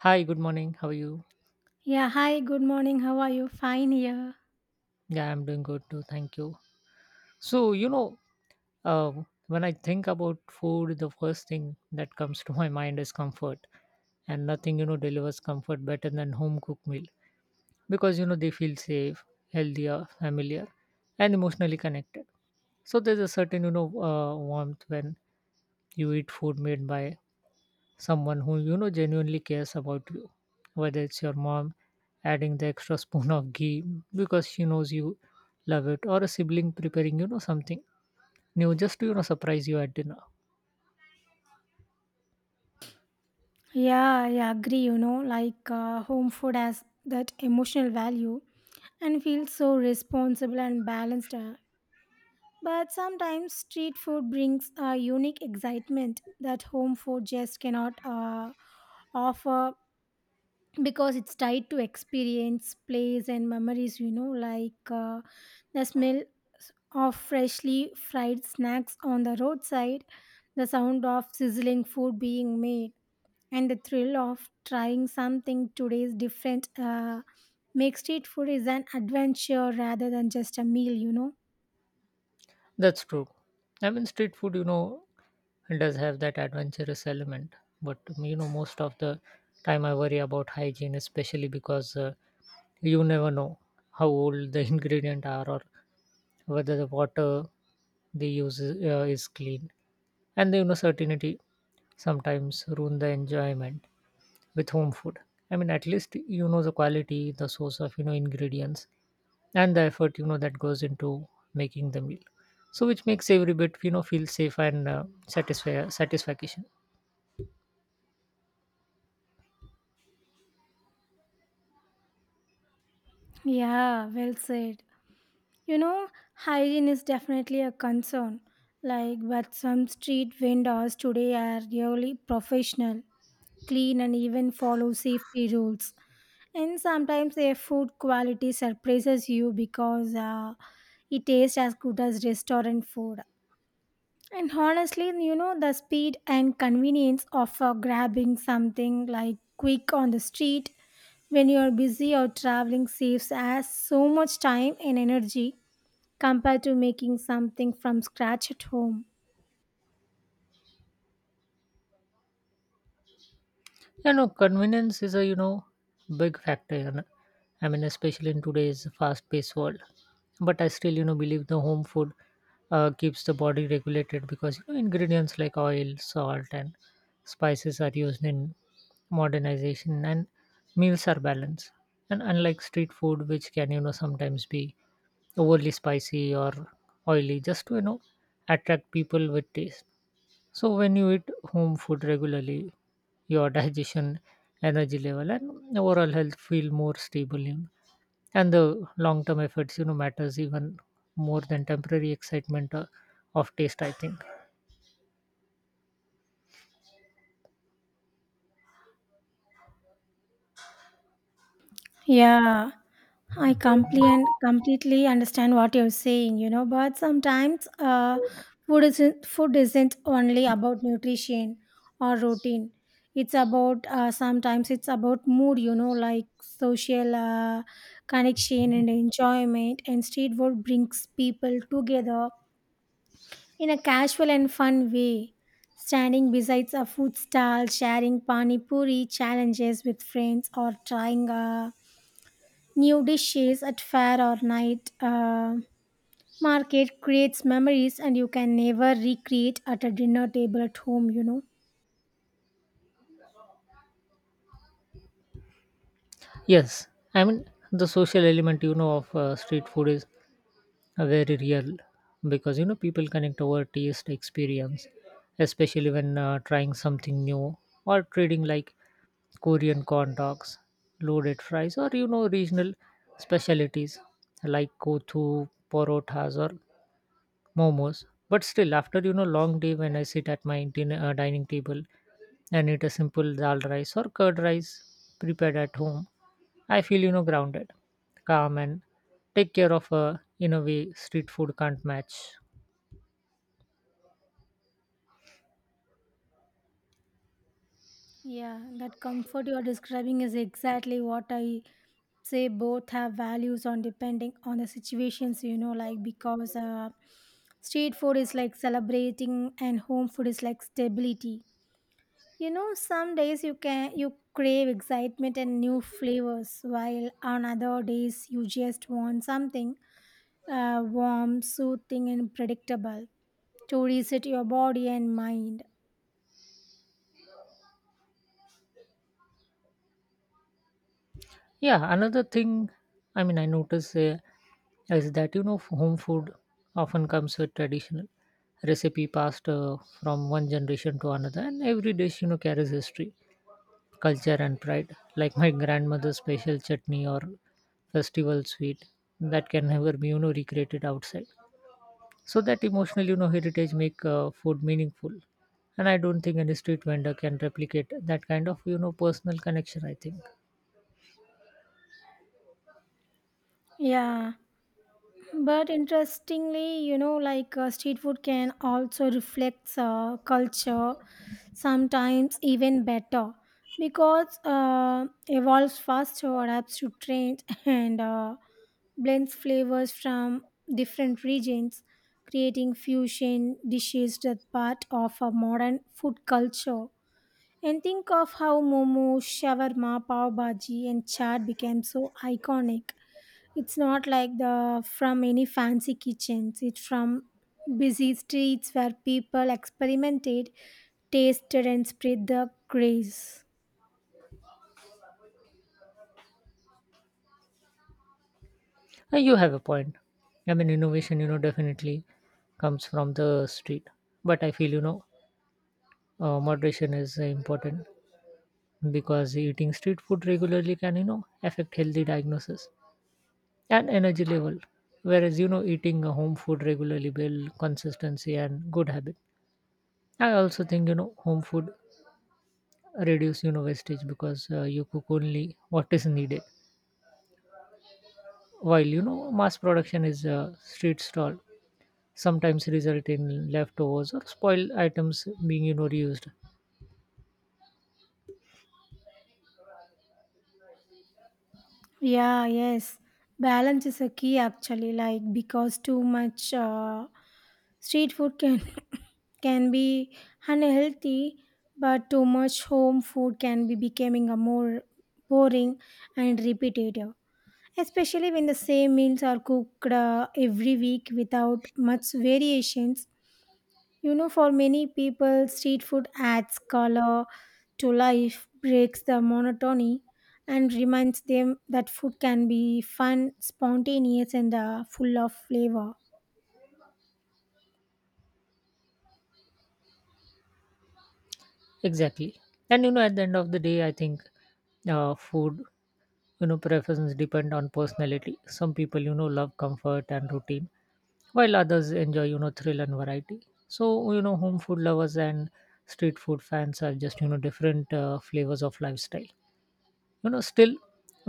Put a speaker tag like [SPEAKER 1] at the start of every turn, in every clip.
[SPEAKER 1] Hi, good morning. How are you?
[SPEAKER 2] Yeah, hi, good morning. How are you? Fine here.
[SPEAKER 1] Yeah, I'm doing good too. Thank you. So, uh, when I think about food, the first thing that comes to my mind is comfort. And nothing delivers comfort better than home cooked meal, because they feel safe, healthier, familiar, and emotionally connected. So, there's a certain warmth when you eat food made by someone who genuinely cares about you, whether it's your mom adding the extra spoon of ghee because she knows you love it, or a sibling preparing something new just to surprise you at dinner.
[SPEAKER 2] Yeah, I agree. You know, like home food has that emotional value and feels so responsible and balanced. But sometimes street food brings a unique excitement that home food just cannot offer because it's tied to experience plays and memories you know like the smell of freshly fried snacks on the roadside, the sound of sizzling food being made, and the thrill of trying something today's different, make street food is an adventure rather than just a meal, you know.
[SPEAKER 1] That's true. I mean, street food does have that adventurous element, but most of the time I worry about hygiene, especially because you never know how old the ingredient are, or whether the water they use is clean, and the uncertainty sometimes ruin the enjoyment. With home food, I mean, at least you know the quality, the source of ingredients, and the effort that goes into making the meal. So which makes every bit feel safe and satisfy satisfaction.
[SPEAKER 2] Yeah, well said. You know, hygiene is definitely a concern, like, but some street vendors today are really professional, clean, and even follow safety rules. And sometimes their food quality surprises you because it tastes as good as restaurant food. And honestly, you know, the speed and convenience of grabbing something like quick on the street when you are busy or traveling saves us so much time and energy compared to making something from scratch at home.
[SPEAKER 1] Convenience is a big factor. I mean, especially in today's fast-paced world. But I still believe the home food keeps the body regulated, because ingredients like oil, salt, and spices are used in modernization, and meals are balanced. And unlike street food, which can sometimes be overly spicy or oily, just to attract people with taste. So when you eat home food regularly, your digestion, energy level, and overall health feel more stable. You know? And the long-term efforts matters even more than temporary excitement of taste, I think.
[SPEAKER 2] Yeah. I completely understand what you're saying, you know, but sometimes food isn't only about nutrition or routine. It's about, sometimes it's about mood, you know, like social connection and enjoyment. And street food brings people together in a casual and fun way. Standing besides a food stall, sharing pani puri challenges with friends, or trying a new dishes at fair or night market, creates memories and you can never recreate at a dinner table at home, you know.
[SPEAKER 1] Yes, I mean, the social element of street food is very real, because people connect over taste experience, especially when trying something new, or trading like Korean corn dogs, loaded fries, or regional specialties like kothu parothas or momos. But still, after long day, when I sit at my dining table and eat a simple dal rice or curd rice prepared at home, I feel grounded, calm, and take care of a, in a way, street food can't match.
[SPEAKER 2] Yeah, that comfort you are describing is exactly what I say. Both have values on depending on the situations, you know, like because street food is like celebrating and home food is like stability. You know, some days you crave excitement and new flavors, while on other days you just want something warm, soothing, and predictable to reset your body and mind.
[SPEAKER 1] Yeah, another thing, I mean, I notice is that home food often comes with traditional recipe passed from one generation to another, and every dish carries history, culture, and pride. Like my grandmother's special chutney or festival sweet that can never be recreated outside. So that emotional heritage make food meaningful, and I don't think any street vendor can replicate that kind of personal connection, I think.
[SPEAKER 2] Yeah, but interestingly, you know, like street food can also reflect culture, sometimes even better, because evolves faster, adapts to trends, and blends flavors from different regions, creating fusion dishes that part of a modern food culture. And think of how momo, shawarma, pav bhaji, and chaat became so iconic. It's not like the from any fancy kitchens. It's from busy streets where people experimented, tasted, and spread the craze.
[SPEAKER 1] And you have a point. I mean, innovation definitely comes from the street, but I feel moderation is important, because eating street food regularly can affect healthy diagnosis and energy level, whereas eating home food regularly build consistency and good habit. I also think home food reduce wastage, because you cook only what is needed, while mass production is street stall sometimes result in leftovers or spoiled items being reused.
[SPEAKER 2] Yeah, yes. Balance is a key actually, like because too much street food can can be unhealthy, but too much home food can be becoming a more boring and repetitive. Especially when the same meals are cooked every week without much variations. You know, for many people, street food adds color to life, breaks the monotony, and reminds them that food can be fun, spontaneous, and full of flavor.
[SPEAKER 1] Exactly. And at the end of the day, I think food preferences depend on personality. Some people love comfort and routine, while others enjoy thrill and variety. So home food lovers and street food fans are just different flavors of lifestyle. Still,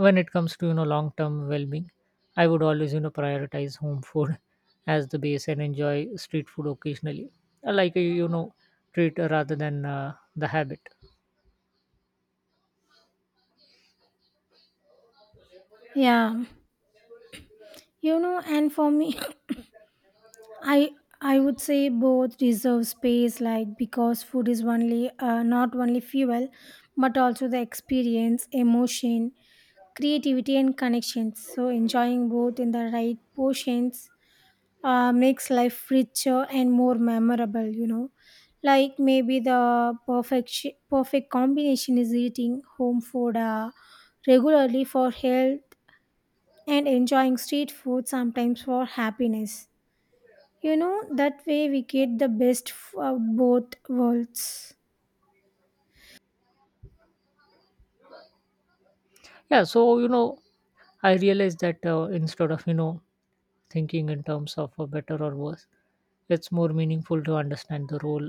[SPEAKER 1] when it comes to long term well being, I would always prioritize home food as the base and enjoy street food occasionally. I like a treat rather than the habit.
[SPEAKER 2] Yeah, you know, and for me, I I would say both deserve space, like because food is only not only fuel, but also the experience, emotion, creativity, and connections. So enjoying both in the right portions makes life richer and more memorable, you know, like maybe the perfect combination is eating home food regularly for health and enjoying street food sometimes for happiness. You know, that way we get the best of both worlds.
[SPEAKER 1] Yeah, so I realized that instead of thinking in terms of better or worse, it's more meaningful to understand the role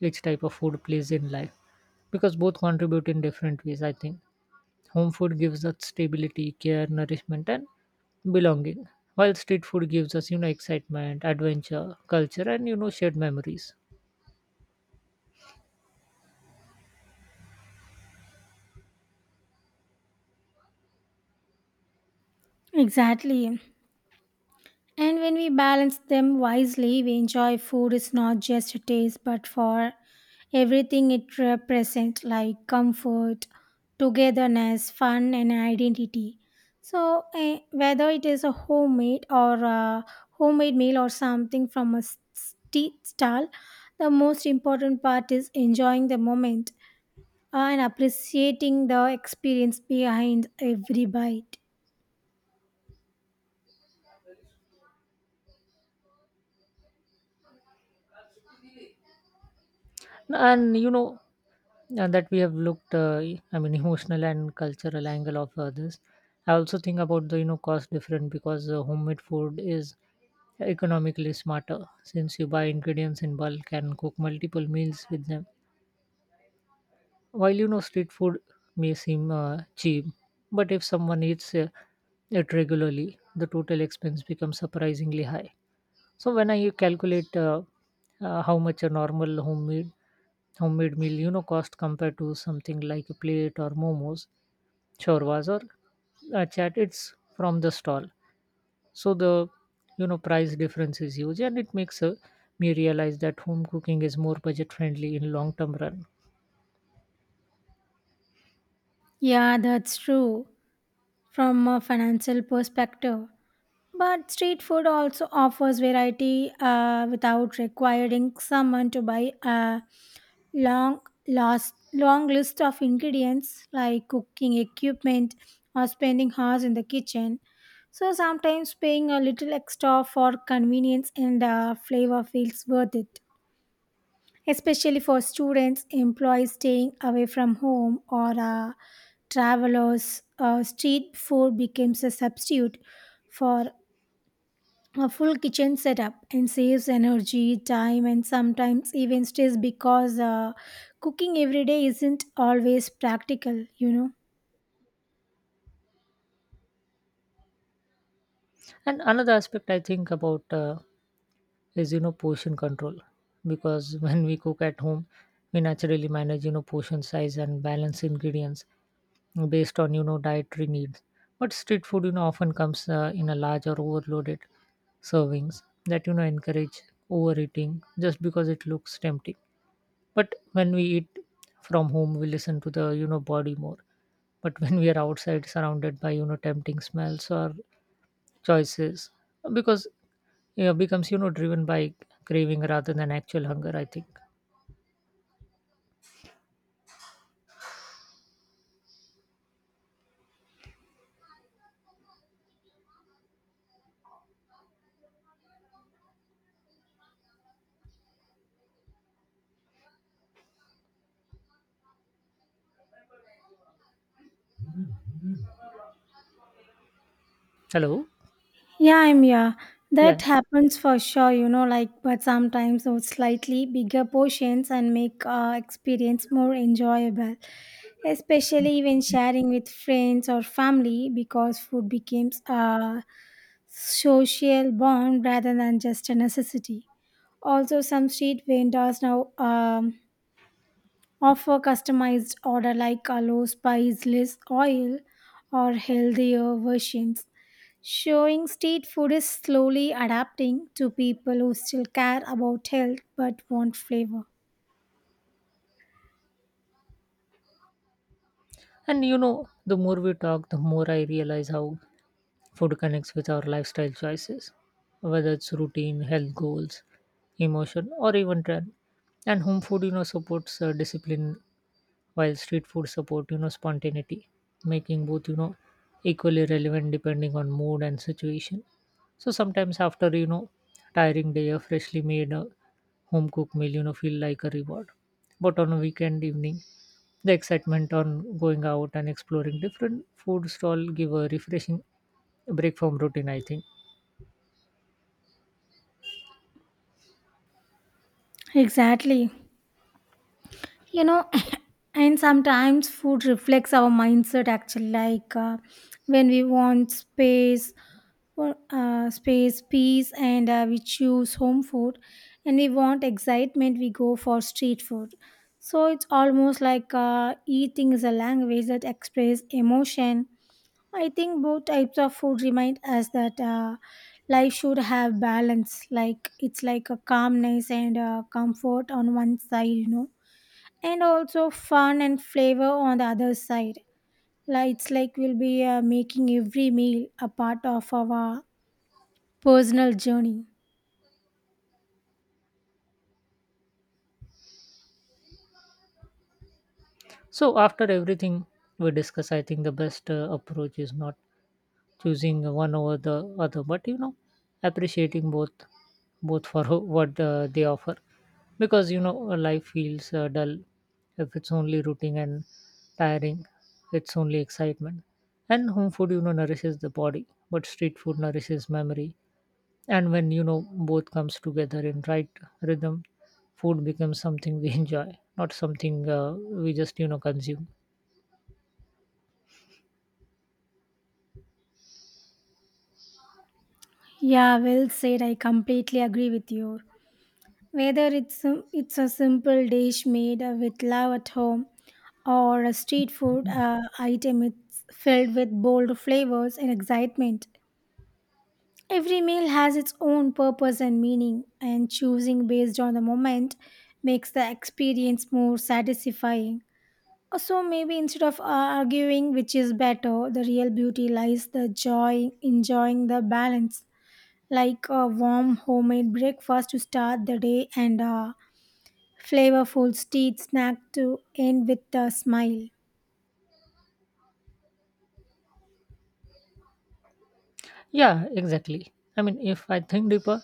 [SPEAKER 1] each type of food plays in life, because both contribute in different ways, I think. Home food gives us stability, care, nourishment, and belonging, while street food gives us excitement, adventure, culture, and shared memories.
[SPEAKER 2] Exactly. And when we balance them wisely, we enjoy food is not just a taste but for everything it represents, like comfort, togetherness, fun, and identity. So eh, whether it is a homemade or a homemade meal or something from a street stall, the most important part is enjoying the moment and appreciating the experience behind every bite.
[SPEAKER 1] And you know, and that we have looked I mean, emotional and cultural angle of this. I also think about the cost different, because homemade food is economically smarter since you buy ingredients in bulk and cook multiple meals with them. While street food may seem cheap, but if someone eats it regularly, the total expense becomes surprisingly high. So when I calculate how much a normal homemade meal cost compared to something like a plate or momos, chorvas or chat, it's from the stall. So the price difference is huge, and it makes me realize that home cooking is more budget friendly in long term run.
[SPEAKER 2] Yeah, that's true. From a financial perspective. But street food also offers variety without requiring someone to buy a long long list of ingredients like cooking equipment or spending hours in the kitchen. So sometimes paying a little extra for convenience and flavor feels worth it, especially for students, employees staying away from home, or travelers. Street food becomes a substitute for a full kitchen setup and saves energy, time, and sometimes even stress because cooking every day isn't always practical, you know.
[SPEAKER 1] And another aspect I think about is portion control, because when we cook at home we naturally manage portion size and balance ingredients based on dietary needs. But street food often comes in a large or overloaded servings that encourage overeating just because it looks tempting. But when we eat from home we listen to the body more. But when we are outside surrounded by tempting smells or choices, because yeah, becomes driven by craving rather than actual hunger, I think. Hello?
[SPEAKER 2] Yeah.
[SPEAKER 1] Yeah.
[SPEAKER 2] That
[SPEAKER 1] Yeah.
[SPEAKER 2] happens for sure, you know, like, but sometimes those slightly bigger portions and make experience more enjoyable, especially when sharing with friends or family, because food becomes a social bond rather than just a necessity. Also, some street vendors now offer customized order like a low spice, less oil, or healthier versions, showing street food is slowly adapting to people who still care about health but want flavor.
[SPEAKER 1] And the more we talk, the more I realize how food connects with our lifestyle choices, whether it's routine, health goals, emotion, or even trend. And home food supports discipline, while street food support spontaneity, making both equally relevant depending on mood and situation. So sometimes after tiring day, a freshly made home cooked meal feel like a reward. But on a weekend evening, the excitement on going out and exploring different food stall give a refreshing break from routine, I think.
[SPEAKER 2] Exactly. You know, and sometimes food reflects our mindset actually, like when we want space for space peace, and we choose home food, and we want excitement we go for street food. So it's almost like eating is a language that expresses emotion. I think both types of food remind us that life should have balance, like it's like a calmness and a comfort on one side, you know, and also fun and flavor on the other side. Like it's like we'll be making every meal a part of our personal journey.
[SPEAKER 1] So after everything we discuss, I think the best approach is not choosing one over the other, but appreciating both, both for what they offer. Because life feels dull if it's only routine and tiring, it's only excitement. And home food nourishes the body, but street food nourishes memory. And when both comes together in right rhythm, food becomes something we enjoy, not something we just consume.
[SPEAKER 2] Yeah, well said. I completely agree with you. Whether it's a simple dish made with love at home or a street food item, it's filled with bold flavors and excitement. Every meal has its own purpose and meaning, and choosing based on the moment makes the experience more satisfying. So maybe instead of arguing which is better, the real beauty lies the joy enjoying the balance, like a warm homemade breakfast to start the day and a flavorful street snack to end with a smile.
[SPEAKER 1] Yeah, exactly, I mean, if I think deeper,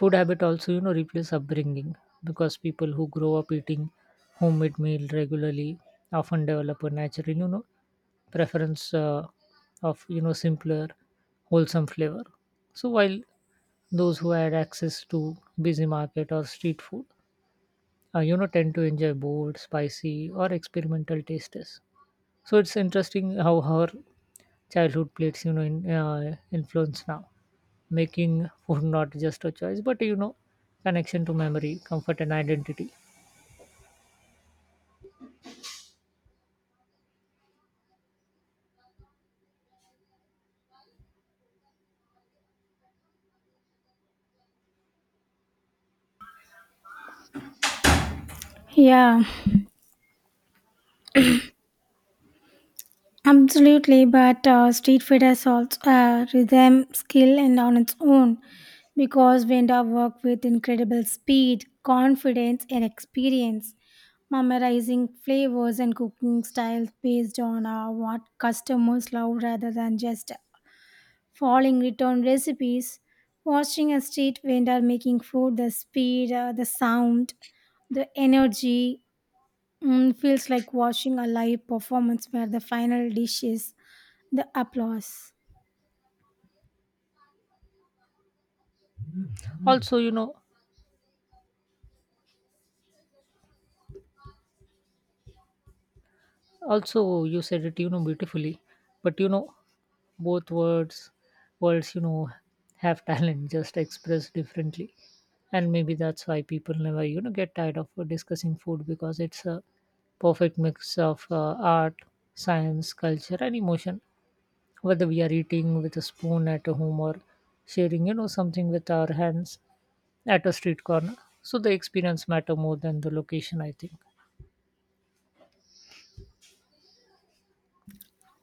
[SPEAKER 1] food habit also replace upbringing, because people who grow up eating homemade meal regularly often develop a natural preference of simpler wholesome flavor. So while those who had access to busy market or street food tend to enjoy bold spicy or experimental tastes. So it's interesting how her childhood plates influence now, making food not just a choice but connection to memory, comfort, and identity.
[SPEAKER 2] Yeah, absolutely, but street food has also a rhythm, skill, and on its own, because vendors work with incredible speed, confidence, and experience, memorizing flavors and cooking styles based on what customers love rather than just following return recipes. Watching a street vendor making food, the speed, the sound, the energy, mm, feels like watching a live performance where the final dish is the applause.
[SPEAKER 1] Also you know also you said it beautifully. But both words have talent, just expressed differently. And maybe that's why people never get tired of discussing food, because it's a perfect mix of art, science, culture, and emotion, whether we are eating with a spoon at home or sharing something with our hands at a street corner. So the experience matter more than the location, I think.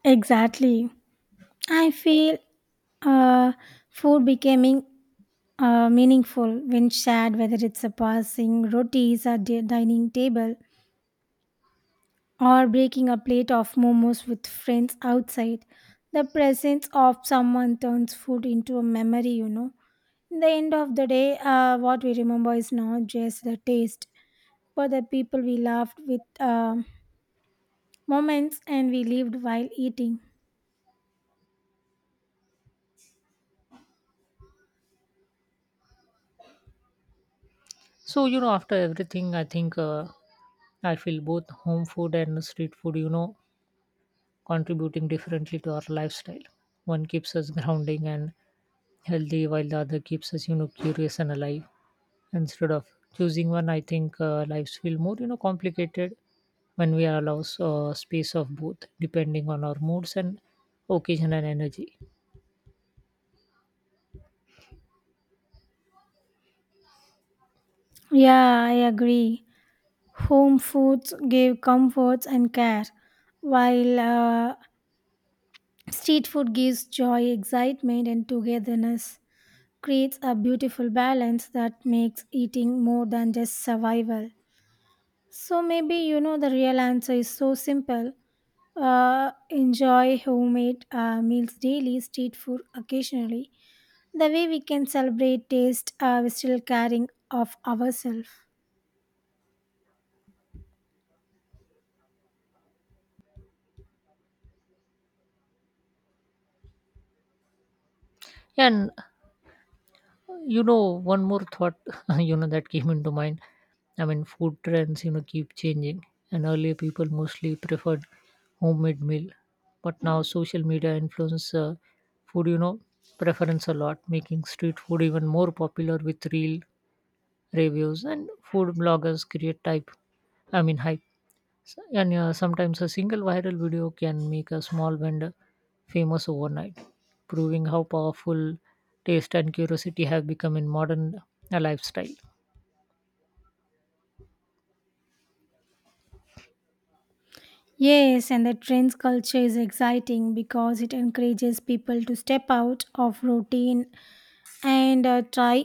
[SPEAKER 2] Exactly. I feel uh, food becoming meaningful when shared, whether it's a passing rotis at the dining table or breaking a plate of momos with friends outside. The presence of someone turns food into a memory, you know. In the end of the day, what we remember is not just the taste, but the people we loved with moments and we lived while eating.
[SPEAKER 1] So after everything, I think I feel both home food and street food contributing differently to our lifestyle. One keeps us grounding and healthy, while the other keeps us curious and alive. Instead of choosing one, I think lives feel more complicated when we allow space of both, depending on our moods and occasion and energy.
[SPEAKER 2] Yeah, I agree. Home foods give comforts and care, while street food gives joy, excitement, and togetherness. Creates a beautiful balance that makes eating more than just survival. So maybe you know the real answer is so simple. Enjoy homemade meals daily, street food occasionally. The way we can celebrate taste while still caring of ourselves.
[SPEAKER 1] And one more thought that came into mind. I mean, food trends keep changing, and earlier people mostly preferred homemade meal, but now social media influence food preference a lot, making street food even more popular with real reviews, and food bloggers create type I mean hype. And sometimes a single viral video can make a small vendor famous overnight, proving how powerful taste and curiosity have become in modern lifestyle.
[SPEAKER 2] Yes, and the trends culture is exciting because it encourages people to step out of routine and try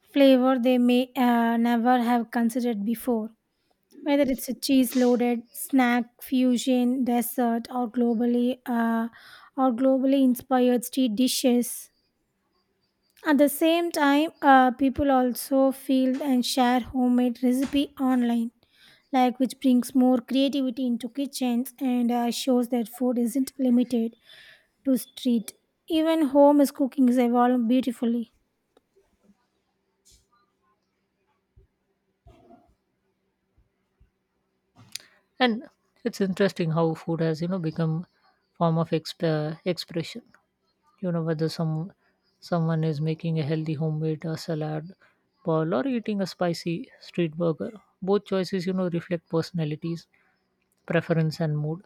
[SPEAKER 2] flavor they may never have considered before. Whether it's a cheese loaded snack, fusion, dessert, or globally inspired street dishes. At the same time, people also feel and share homemade recipe online, like which brings more creativity into kitchens and shows that food isn't limited to street. Even home is cooking is evolved beautifully.
[SPEAKER 1] And it's interesting how food has become form of expression. Whether someone is making a healthy homemade salad bowl or eating a spicy street burger, both choices reflect personalities, preference, and mood.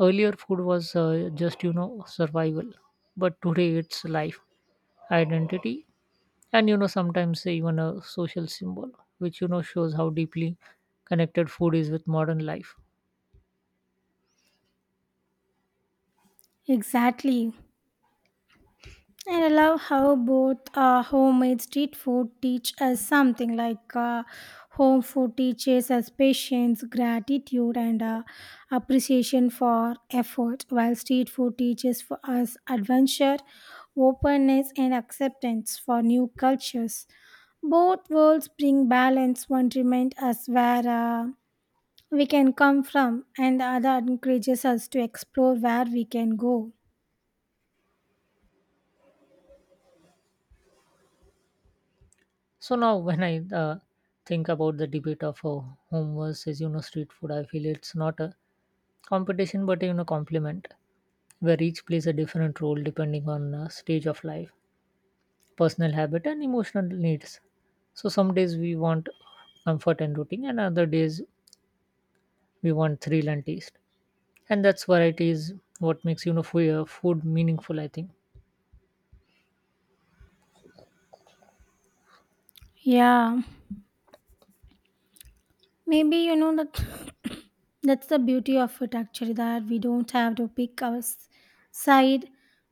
[SPEAKER 1] Earlier, food was just survival. But today, it's life, identity, and sometimes even a social symbol, which shows how deeply connected food is with modern life.
[SPEAKER 2] Exactly. And I love how both homemade street food teach us something, like home food teaches us patience, gratitude, and appreciation for effort, while street food teaches for us adventure, openness, and acceptance for new cultures. Both worlds bring balance, one reminds us where we can come from, and the other encourages us to explore where we can go.
[SPEAKER 1] So now, when I think about the debate of home versus street food, I feel it's not a competition but complement, where each plays a different role depending on stage of life, personal habit and emotional needs. So some days we want comfort and routine, and other days we want thrill and taste, and that's variety is what makes food meaningful, I think.
[SPEAKER 2] Yeah. Maybe you know that that's the beauty of it actually, that we don't have to pick our side.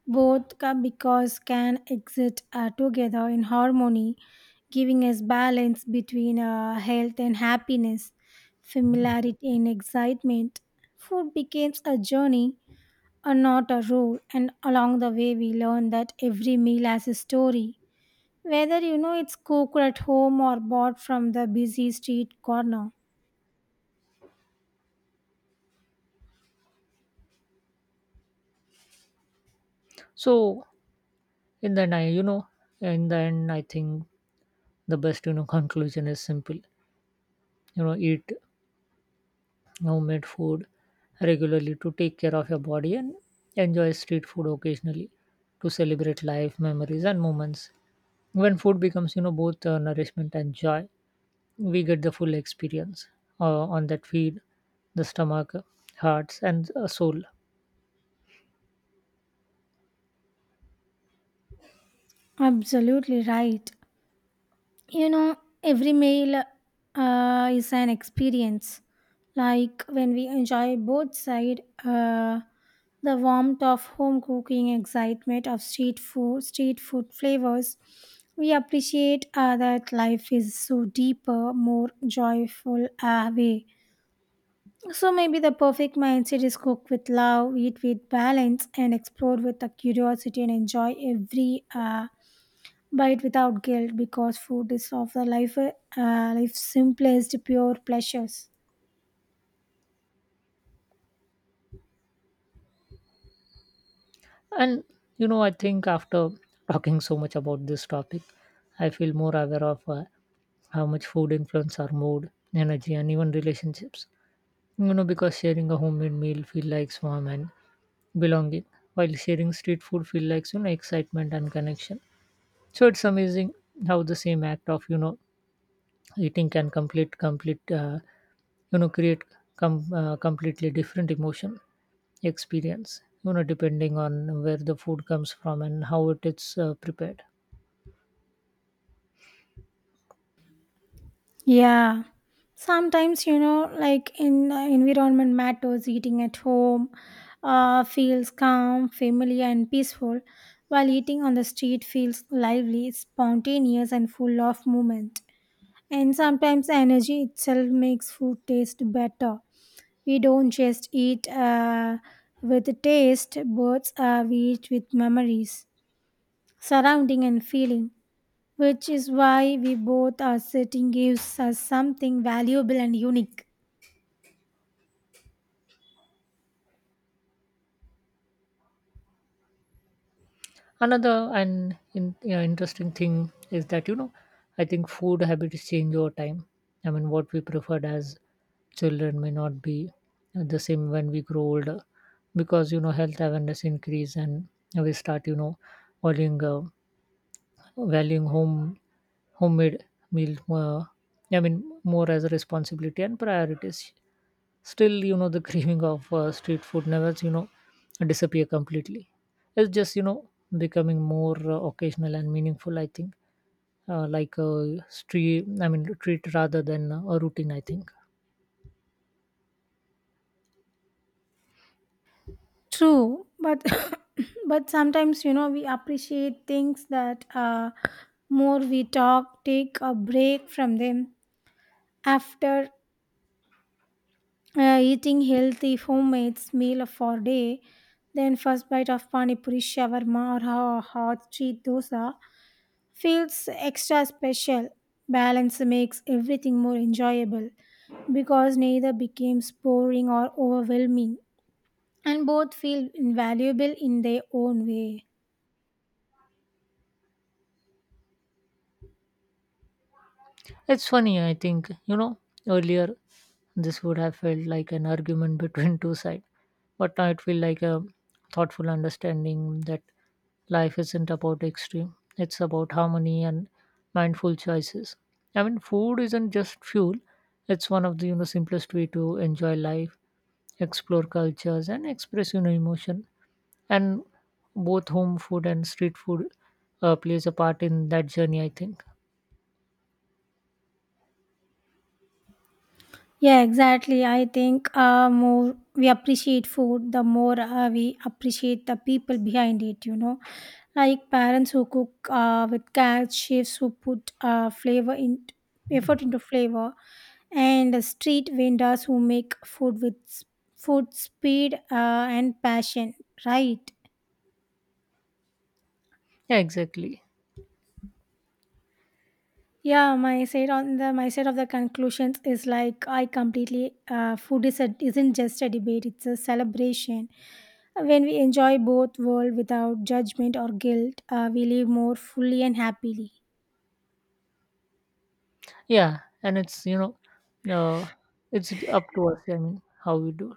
[SPEAKER 2] Both because can exist together in harmony, giving us balance between health and happiness, familiarity and excitement. Food becomes a journey and not a rule, and along the way we learn that every meal has a story, whether you know it's cooked at home or bought from the busy street corner.
[SPEAKER 1] So in the end i you know in the end, I think the best conclusion is simple. Eat homemade food regularly to take care of your body, and enjoy street food occasionally to celebrate life memories and moments. When food becomes both nourishment and joy, we get the full experience on that feed the stomach, hearts, and soul.
[SPEAKER 2] Absolutely right. You know, every meal is an experience. Like when we enjoy both side, the warmth of home cooking, excitement of street food flavors, we appreciate that life is so deeper, more joyful way. So maybe the perfect mindset is cook with love, eat with balance, and explore with the curiosity and enjoy every bite without guilt because food is of the life life's simplest pure pleasures.
[SPEAKER 1] And I think after talking so much about this topic, I feel more aware of how much food influence our mood, energy, and even relationships, because sharing a homemade meal feel like warm and belonging, while sharing street food feel like excitement and connection. So it's amazing how the same act of eating can you know create completely different emotion experience depending on where the food comes from and how it is prepared.
[SPEAKER 2] Yeah. Sometimes you know, like in environment matters. Eating at home feels calm, familiar, and peaceful, while eating on the street feels lively, spontaneous, and full of movement. And sometimes energy itself makes food taste better. We don't just eat with taste buds; we eat with memories, surrounding and feeling, which is why we both are sitting gives us something valuable and unique.
[SPEAKER 1] Another, yeah, interesting thing is that I think food habits change over time. I mean, what we preferred as children may not be the same when we grow older, because health awareness increase, and we start valuing uh, valuing homemade meal I mean, more as a responsibility and priorities. Still the craving of street food never disappear completely. It's just becoming more occasional and meaningful, I think. Like a street I mean treat rather than a routine, I think.
[SPEAKER 2] True, but but sometimes you know we appreciate things that more we talk, take a break from them after eating healthy homemade meal for day. Then first bite of pani puri, shawarma, or hot street dosa feels extra special. Balance makes everything more enjoyable because neither becomes boring or overwhelming, and both feel invaluable in their own way.
[SPEAKER 1] It's funny, I think. Earlier this would have felt like an argument between two sides, but now it feels like a thoughtful understanding that life isn't about extreme, it's about harmony and mindful choices. I mean, food isn't just fuel, it's one of the simplest way to enjoy life, explore cultures, and express emotion. And both home food and street food plays a part in that journey, I think.
[SPEAKER 2] Yeah, exactly. I think more we appreciate food, the more we appreciate the people behind it, you know. Like parents who cook with care, chefs who put flavor in effort into flavor, and the street vendors who make food with s- food speed and passion, right?
[SPEAKER 1] Yeah, exactly.
[SPEAKER 2] Yeah, my side on the my side of the conclusions is like I completely food isn't just a debate; it's a celebration. When we enjoy both world without judgment or guilt, we live more fully and happily.
[SPEAKER 1] Yeah, and uh, it's up to us. I mean, how we do.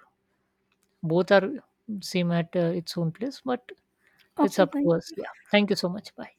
[SPEAKER 1] Both are same at its own place, but it's
[SPEAKER 2] Okay,
[SPEAKER 1] up to
[SPEAKER 2] thank
[SPEAKER 1] us. Yeah. Thank you so much. Bye.